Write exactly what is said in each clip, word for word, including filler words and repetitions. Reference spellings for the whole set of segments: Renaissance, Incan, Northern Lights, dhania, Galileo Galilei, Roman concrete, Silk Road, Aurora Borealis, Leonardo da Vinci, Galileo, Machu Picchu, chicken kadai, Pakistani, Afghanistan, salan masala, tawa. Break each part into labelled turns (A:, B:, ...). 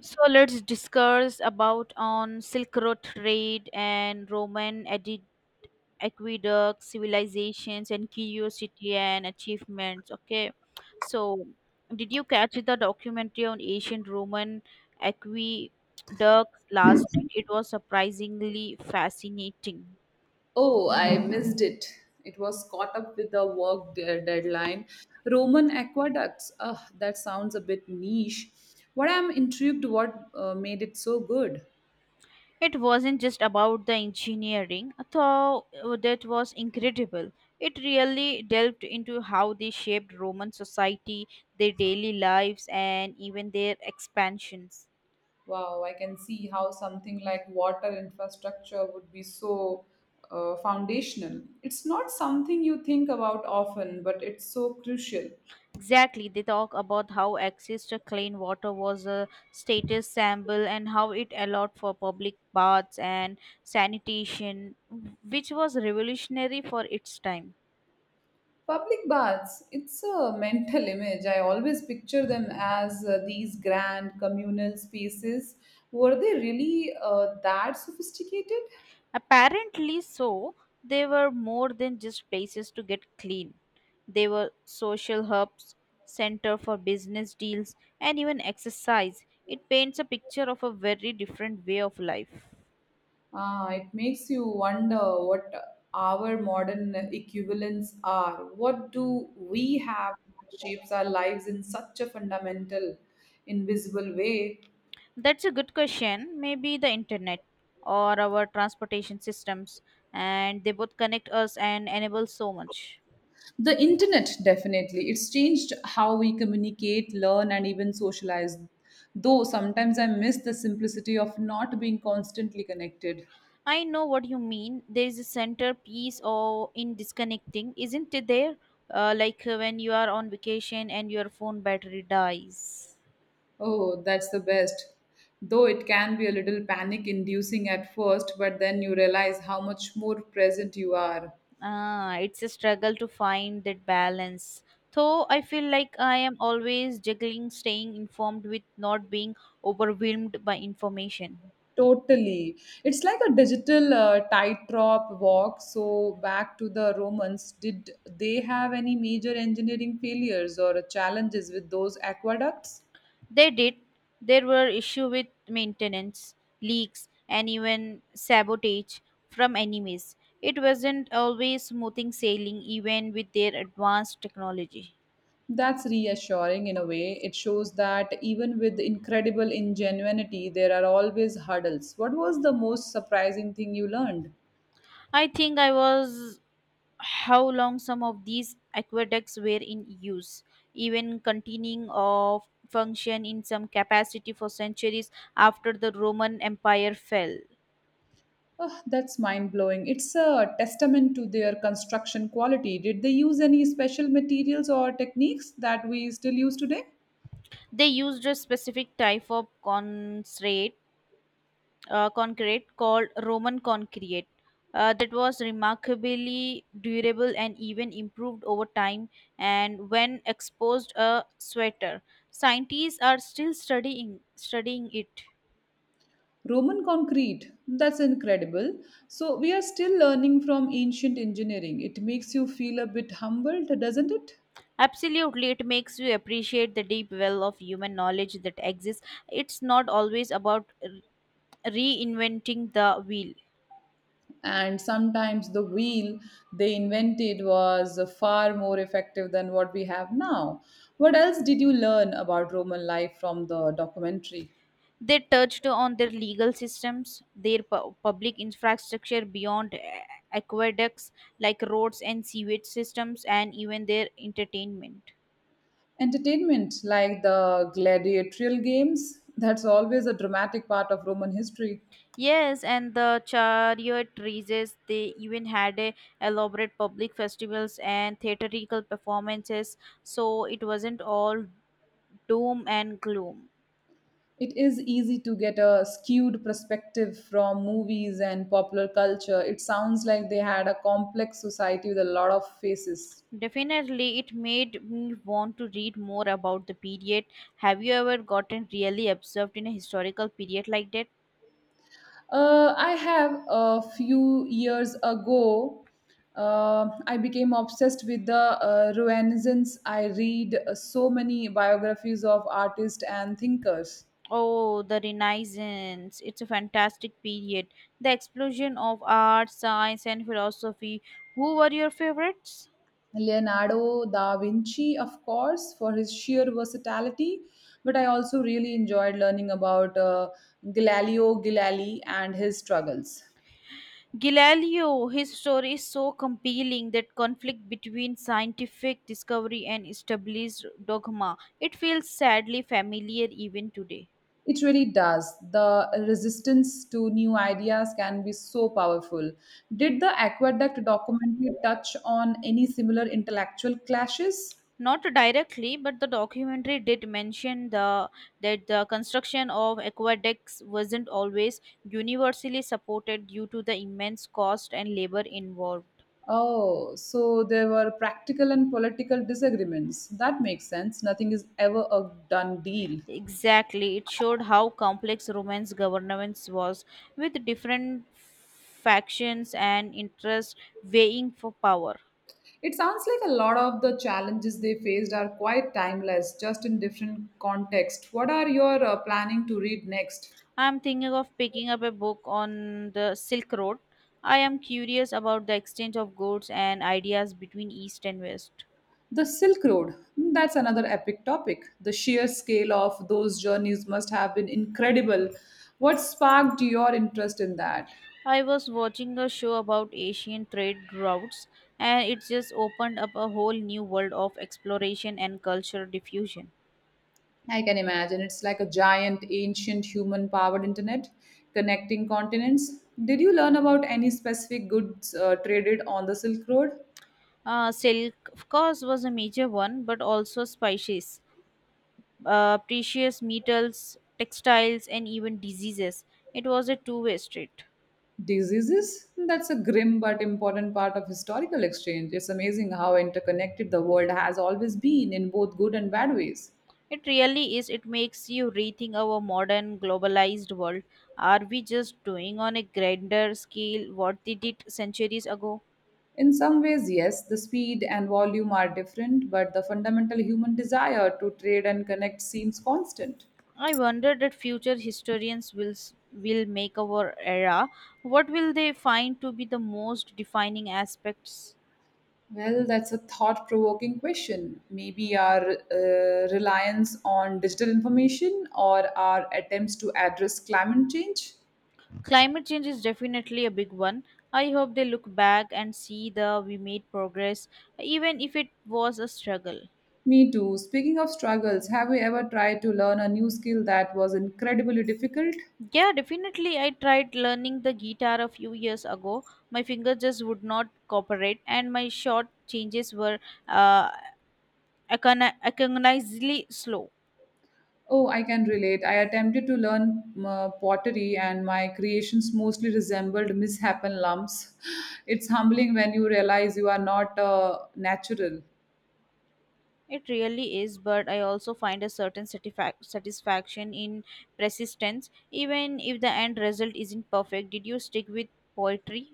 A: So let's discuss about on Silk Road trade and Roman adi- aqueduct civilizations and curiosity and achievements. Okay, so did you catch the documentary on ancient Roman aqueducts last night? It was surprisingly fascinating.
B: Oh, I missed it. It was caught up with the work de- deadline. Roman aqueducts. Ugh, that sounds a bit niche. What I'm intrigued what uh, made it so good.
A: It wasn't just about the engineering, though uh, that was incredible. It really delved into how they shaped Roman society, their daily lives, and even their expansions.
B: Wow, I can see how something like water infrastructure would be so uh, foundational. It's not something you think about often, but it's so crucial.
A: Exactly, they talk about how access to clean water was a status symbol and how it allowed for public baths and sanitation, which was revolutionary for its time.
B: Public baths, it's a mental image. I always picture them as uh, these grand communal spaces. Were they really uh, that sophisticated?
A: Apparently so, they were more than just places to get clean. They were social hubs, center for business deals, and even exercise. It paints a picture of a very different way of life.
B: Ah, it makes you wonder what our modern equivalents are. What do we have that shapes our lives in such a fundamental, invisible way?
A: That's a good question. Maybe the internet or our transportation systems, and they both connect us and enable so much.
B: The internet, definitely. It's changed how we communicate, learn, and even socialize. Though sometimes I miss the simplicity of not being constantly connected.
A: I know what you mean. There is a centerpiece or in disconnecting, isn't it there? Uh, like uh, when you are on vacation and your phone battery dies.
B: Oh, that's the best. Though it can be a little panic inducing at first, but then you realize how much more present you are.
A: Ah, it's a struggle to find that balance. Though I feel like I am always juggling staying informed with not being overwhelmed by information.
B: Totally. It's like a digital uh, tightrope walk. So, back to the Romans, did they have any major engineering failures or challenges with those aqueducts?
A: They did. There were issues with maintenance, leaks, and even sabotage from enemies. It wasn't always smoothing sailing, even with their advanced technology.
B: That's reassuring in a way. It shows that even with incredible ingenuity, there are always hurdles. What was the most surprising thing you learned?
A: I think I was how long some of these aqueducts were in use, even continuing of function in some capacity for centuries after the Roman Empire fell.
B: Oh, that's mind blowing. It's a testament to their construction quality. Did they use any special materials or techniques that we still use today?
A: They used a specific type of concrete. Uh, concrete called Roman concrete uh, that was remarkably durable and even improved over time and when exposed a sweater. Scientists are still studying studying it.
B: Roman concrete. That's incredible. So, we are still learning from ancient engineering. It makes you feel a bit humbled, doesn't it?
A: Absolutely, it makes you appreciate the deep well of human knowledge that exists. It's not always about r- reinventing the wheel.
B: And sometimes the wheel they invented was far more effective than what we have now. What else did you learn about Roman life from the documentary?
A: They touched on their legal systems, their pu- public infrastructure beyond eh, aqueducts like roads and sewage systems, and even their entertainment.
B: Entertainment, like the gladiatorial games, that's always a dramatic part of Roman history.
A: Yes, and the chariot races, they even had a elaborate public festivals and theatrical performances, so it wasn't all doom and gloom.
B: It is easy to get a skewed perspective from movies and popular culture. It sounds like they had a complex society with a lot of faces.
A: Definitely, it made me want to read more about the period. Have you ever gotten really absorbed in a historical period like that?
B: Uh, I have a few years ago. Uh, I became obsessed with the uh, Renaissance. I read uh, so many biographies of artists and thinkers.
A: Oh, the Renaissance. It's a fantastic period. The explosion of art, science, and philosophy. Who were your favorites?
B: Leonardo da Vinci, of course, for his sheer versatility, but I also really enjoyed learning about uh, Galileo Galilei and his struggles.
A: Galileo, his story is so compelling that conflict between scientific discovery and established dogma. It feels sadly familiar even today.
B: It really does. The resistance to new ideas can be so powerful. Did the Aqueduct documentary touch on any similar intellectual clashes?
A: Not directly, but the documentary did mention the that the construction of aqueducts wasn't always universally supported due to the immense cost and labor involved.
B: Oh, so there were practical and political disagreements. That makes sense. Nothing is ever a done deal.
A: Exactly, it showed how complex Roman's governance was, with different factions and interests vying for power.
B: It sounds like a lot of the challenges they faced are quite timeless, just in different context. What are your uh, planning to read next?
A: I am thinking of picking up a book on the Silk Road. I am curious about the exchange of goods and ideas between East and West.
B: The Silk Road, that's another epic topic. The sheer scale of those journeys must have been incredible. What sparked your interest in that?
A: I was watching a show about Asian trade routes, and it just opened up a whole new world of exploration and cultural diffusion.
B: I can imagine it's like a giant, ancient, human powered internet connecting continents. Did you learn about any specific goods uh, traded on the Silk Road?
A: Uh, silk, of course, was a major one, but also spices, uh, precious metals, textiles, and even diseases. It was a two way street.
B: Diseases? That's a grim but important part of historical exchange. It's amazing how interconnected the world has always been in both good and bad ways.
A: It really is. It makes you rethink our modern globalized world. Are we just doing on a grander scale what they did centuries ago?
B: In some ways, yes, the speed and volume are different, but the fundamental human desire to trade and connect seems constant.
A: I wonder that future historians will s- will make our era. What will they find to be the most defining aspects?
B: Well, that's a thought provoking question. Maybe our uh, reliance on digital information or our attempts to address climate change?
A: Climate change is definitely a big one. I hope they look back and see the we made progress, even if it was a struggle.
B: Me too. Speaking of struggles, have you ever tried to learn a new skill that was incredibly difficult?
A: Yeah, definitely. I tried learning the guitar a few years ago. My fingers just would not cooperate, and my short changes were uh, agonizingly slow.
B: Oh, I can relate. I attempted to learn uh, pottery, and my creations mostly resembled misshapen lumps. It's humbling when you realize you are not uh, natural.
A: It really is, but I also find a certain satisfac- satisfaction in persistence, even if the end result isn't perfect. Did you stick with poetry?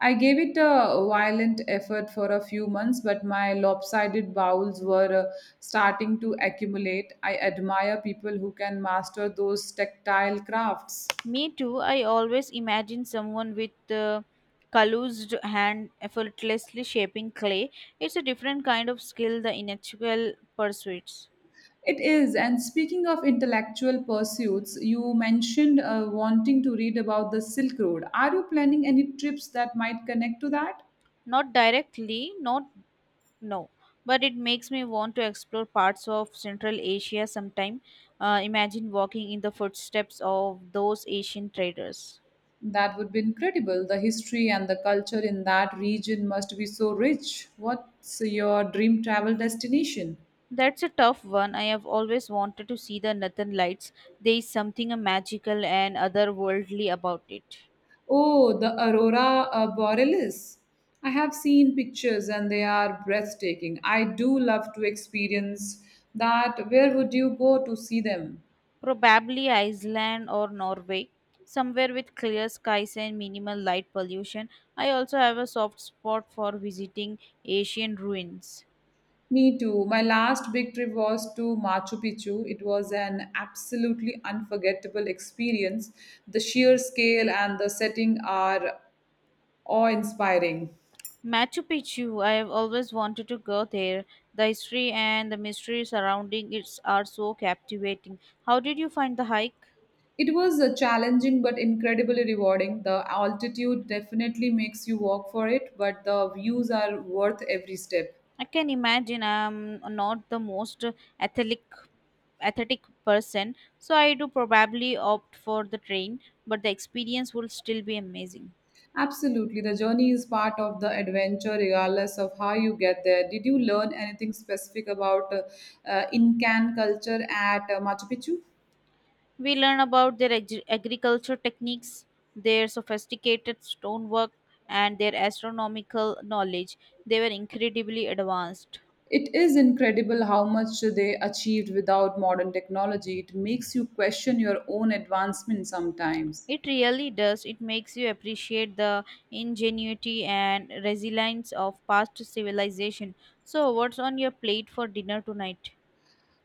B: I gave it a violent effort for a few months, but my lopsided bowels were uh, starting to accumulate. I admire people who can master those tactile crafts.
A: Me too. I always imagine someone with a calloused hand effortlessly shaping clay. It's a different kind of skill, the intellectual pursuits.
B: It is. And speaking of intellectual pursuits, you mentioned uh, wanting to read about the Silk Road. Are you planning any trips that might connect to that?
A: Not directly, not No, but it makes me want to explore parts of Central Asia sometime. Uh, imagine walking in the footsteps of those Asian traders.
B: That would be incredible. The history and the culture in that region must be so rich. What's your dream travel destination?
A: That's a tough one. I have always wanted to see the Northern Lights. There is something uh, magical and otherworldly about it.
B: Oh, the Aurora uh, Borealis. I have seen pictures and they are breathtaking. I do love to experience that. Where would you go to see them?
A: Probably Iceland or Norway, somewhere with clear skies and minimal light pollution. I also have a soft spot for visiting Asian ruins.
B: Me too. My last big trip was to Machu Picchu. It was an absolutely unforgettable experience. The sheer scale and the setting are awe inspiring.
A: Machu Picchu, I have always wanted to go there. The history and the mystery surrounding it are so captivating. How did you find the hike?
B: It was uh, challenging but incredibly rewarding. The altitude definitely makes you walk for it, but the views are worth every step.
A: I can imagine I'm not the most athletic athletic person, so I do probably opt for the train, but the experience will still be amazing.
B: Absolutely. The journey is part of the adventure, regardless of how you get there. Did you learn anything specific about uh, uh, Incan culture at uh, Machu Picchu?
A: We learn about their ag- agriculture techniques, their sophisticated stonework, and their astronomical knowledge. They were incredibly advanced.
B: It is incredible how much they achieved without modern technology. It makes you question your own advancement sometimes.
A: It really does. It makes you appreciate the ingenuity and resilience of past civilization. So, what's on your plate for dinner tonight?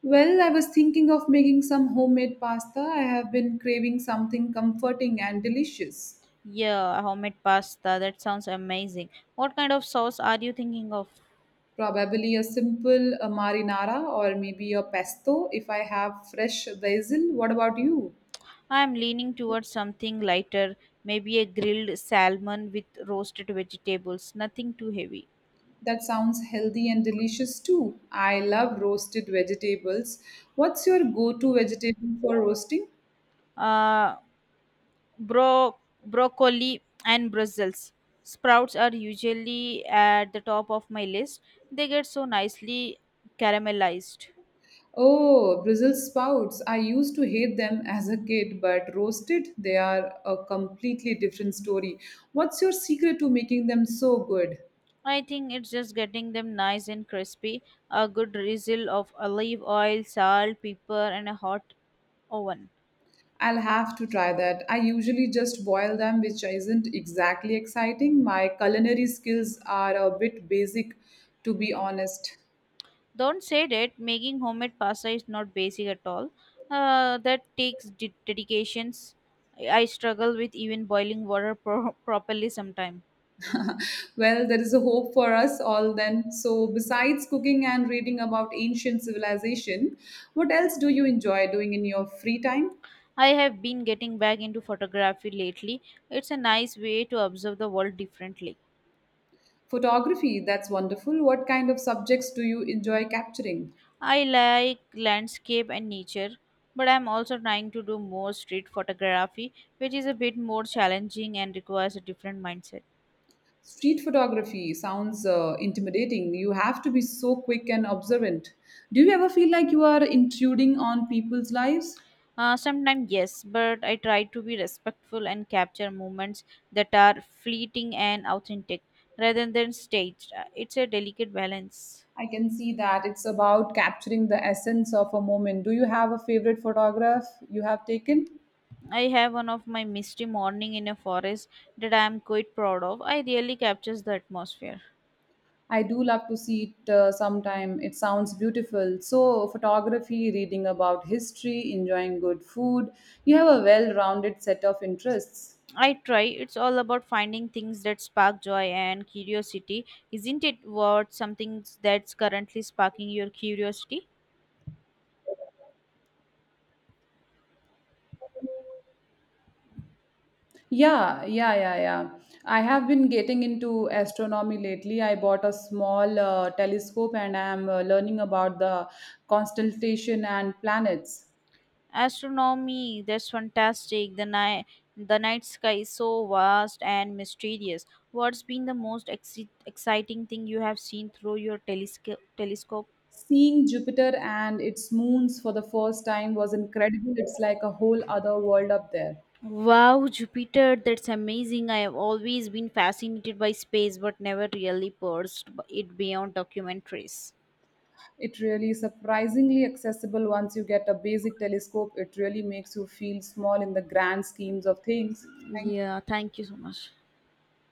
B: Well, I was thinking of making some homemade pasta. I have been craving something comforting and delicious.
A: Yeah, homemade pasta. That sounds amazing. What kind of sauce are you thinking of?
B: Probably a simple uh, marinara or maybe a pesto if I have fresh basil. What about you?
A: I am leaning towards something lighter, maybe a grilled salmon with roasted vegetables. Nothing too heavy.
B: That sounds healthy and delicious too. I love roasted vegetables. What's your go to vegetable for roasting?
A: Uh, Bro- Broccoli and Brussels sprouts are usually at the top of my list. They get so nicely caramelized.
B: Oh, Brussels sprouts. I used to hate them as a kid, but roasted, they are a completely different story. What's your secret to making them so good?
A: I think it's just getting them nice and crispy, a good drizzle of olive oil, salt, pepper, and a hot oven.
B: I'll have to try that. I usually just boil them, which isn't exactly exciting. My culinary skills are a bit basic, to be honest.
A: Don't say that making homemade pasta is not basic at all. Uh, that takes de- dedications. I I struggle with even boiling water pro- properly sometimes.
B: Well, there is a hope for us all then. So, besides cooking and reading about ancient civilization, what else do you enjoy doing in your free time?
A: I have been getting back into photography lately. It's a nice way to observe the world differently.
B: Photography, that's wonderful. What kind of subjects do you enjoy capturing?
A: I like landscape and nature, but I'm also trying to do more street photography, which is a bit more challenging and requires a different mindset.
B: Street photography sounds uh, intimidating. You have to be so quick and observant. Do you ever feel like you are intruding on people's lives?
A: Uh, sometimes, yes, but I try to be respectful and capture moments that are fleeting and authentic rather than staged. Uh, It's a delicate balance.
B: I can see that it's about capturing the essence of a moment. Do you have a favorite photograph you have taken?
A: I have one of my misty morning in a forest that I am quite proud of. I really captures the atmosphere.
B: I do love to see it uh, sometime. It sounds beautiful. So, photography, reading about history, enjoying good food. You have a well rounded set of interests.
A: I try. It's all about finding things that spark joy and curiosity. Isn't it what something that's currently sparking your curiosity?
B: Yeah, yeah, yeah, yeah. I have been getting into astronomy lately. I bought a small uh, telescope and I am uh, learning about the constellation and planets.
A: Astronomy, that's fantastic. The night the night sky is so vast and mysterious. What's been the most exci- exciting thing you have seen through your telescope telescope?
B: Seeing Jupiter and its moons for the first time was incredible. It's like a whole other world up there.
A: Wow, Jupiter, that's amazing. I have always been fascinated by space but never really pursued it beyond documentaries.
B: It really is surprisingly accessible once you get a basic telescope. It really makes you feel small in the grand schemes of things. Thank
A: Yeah, thank you so much.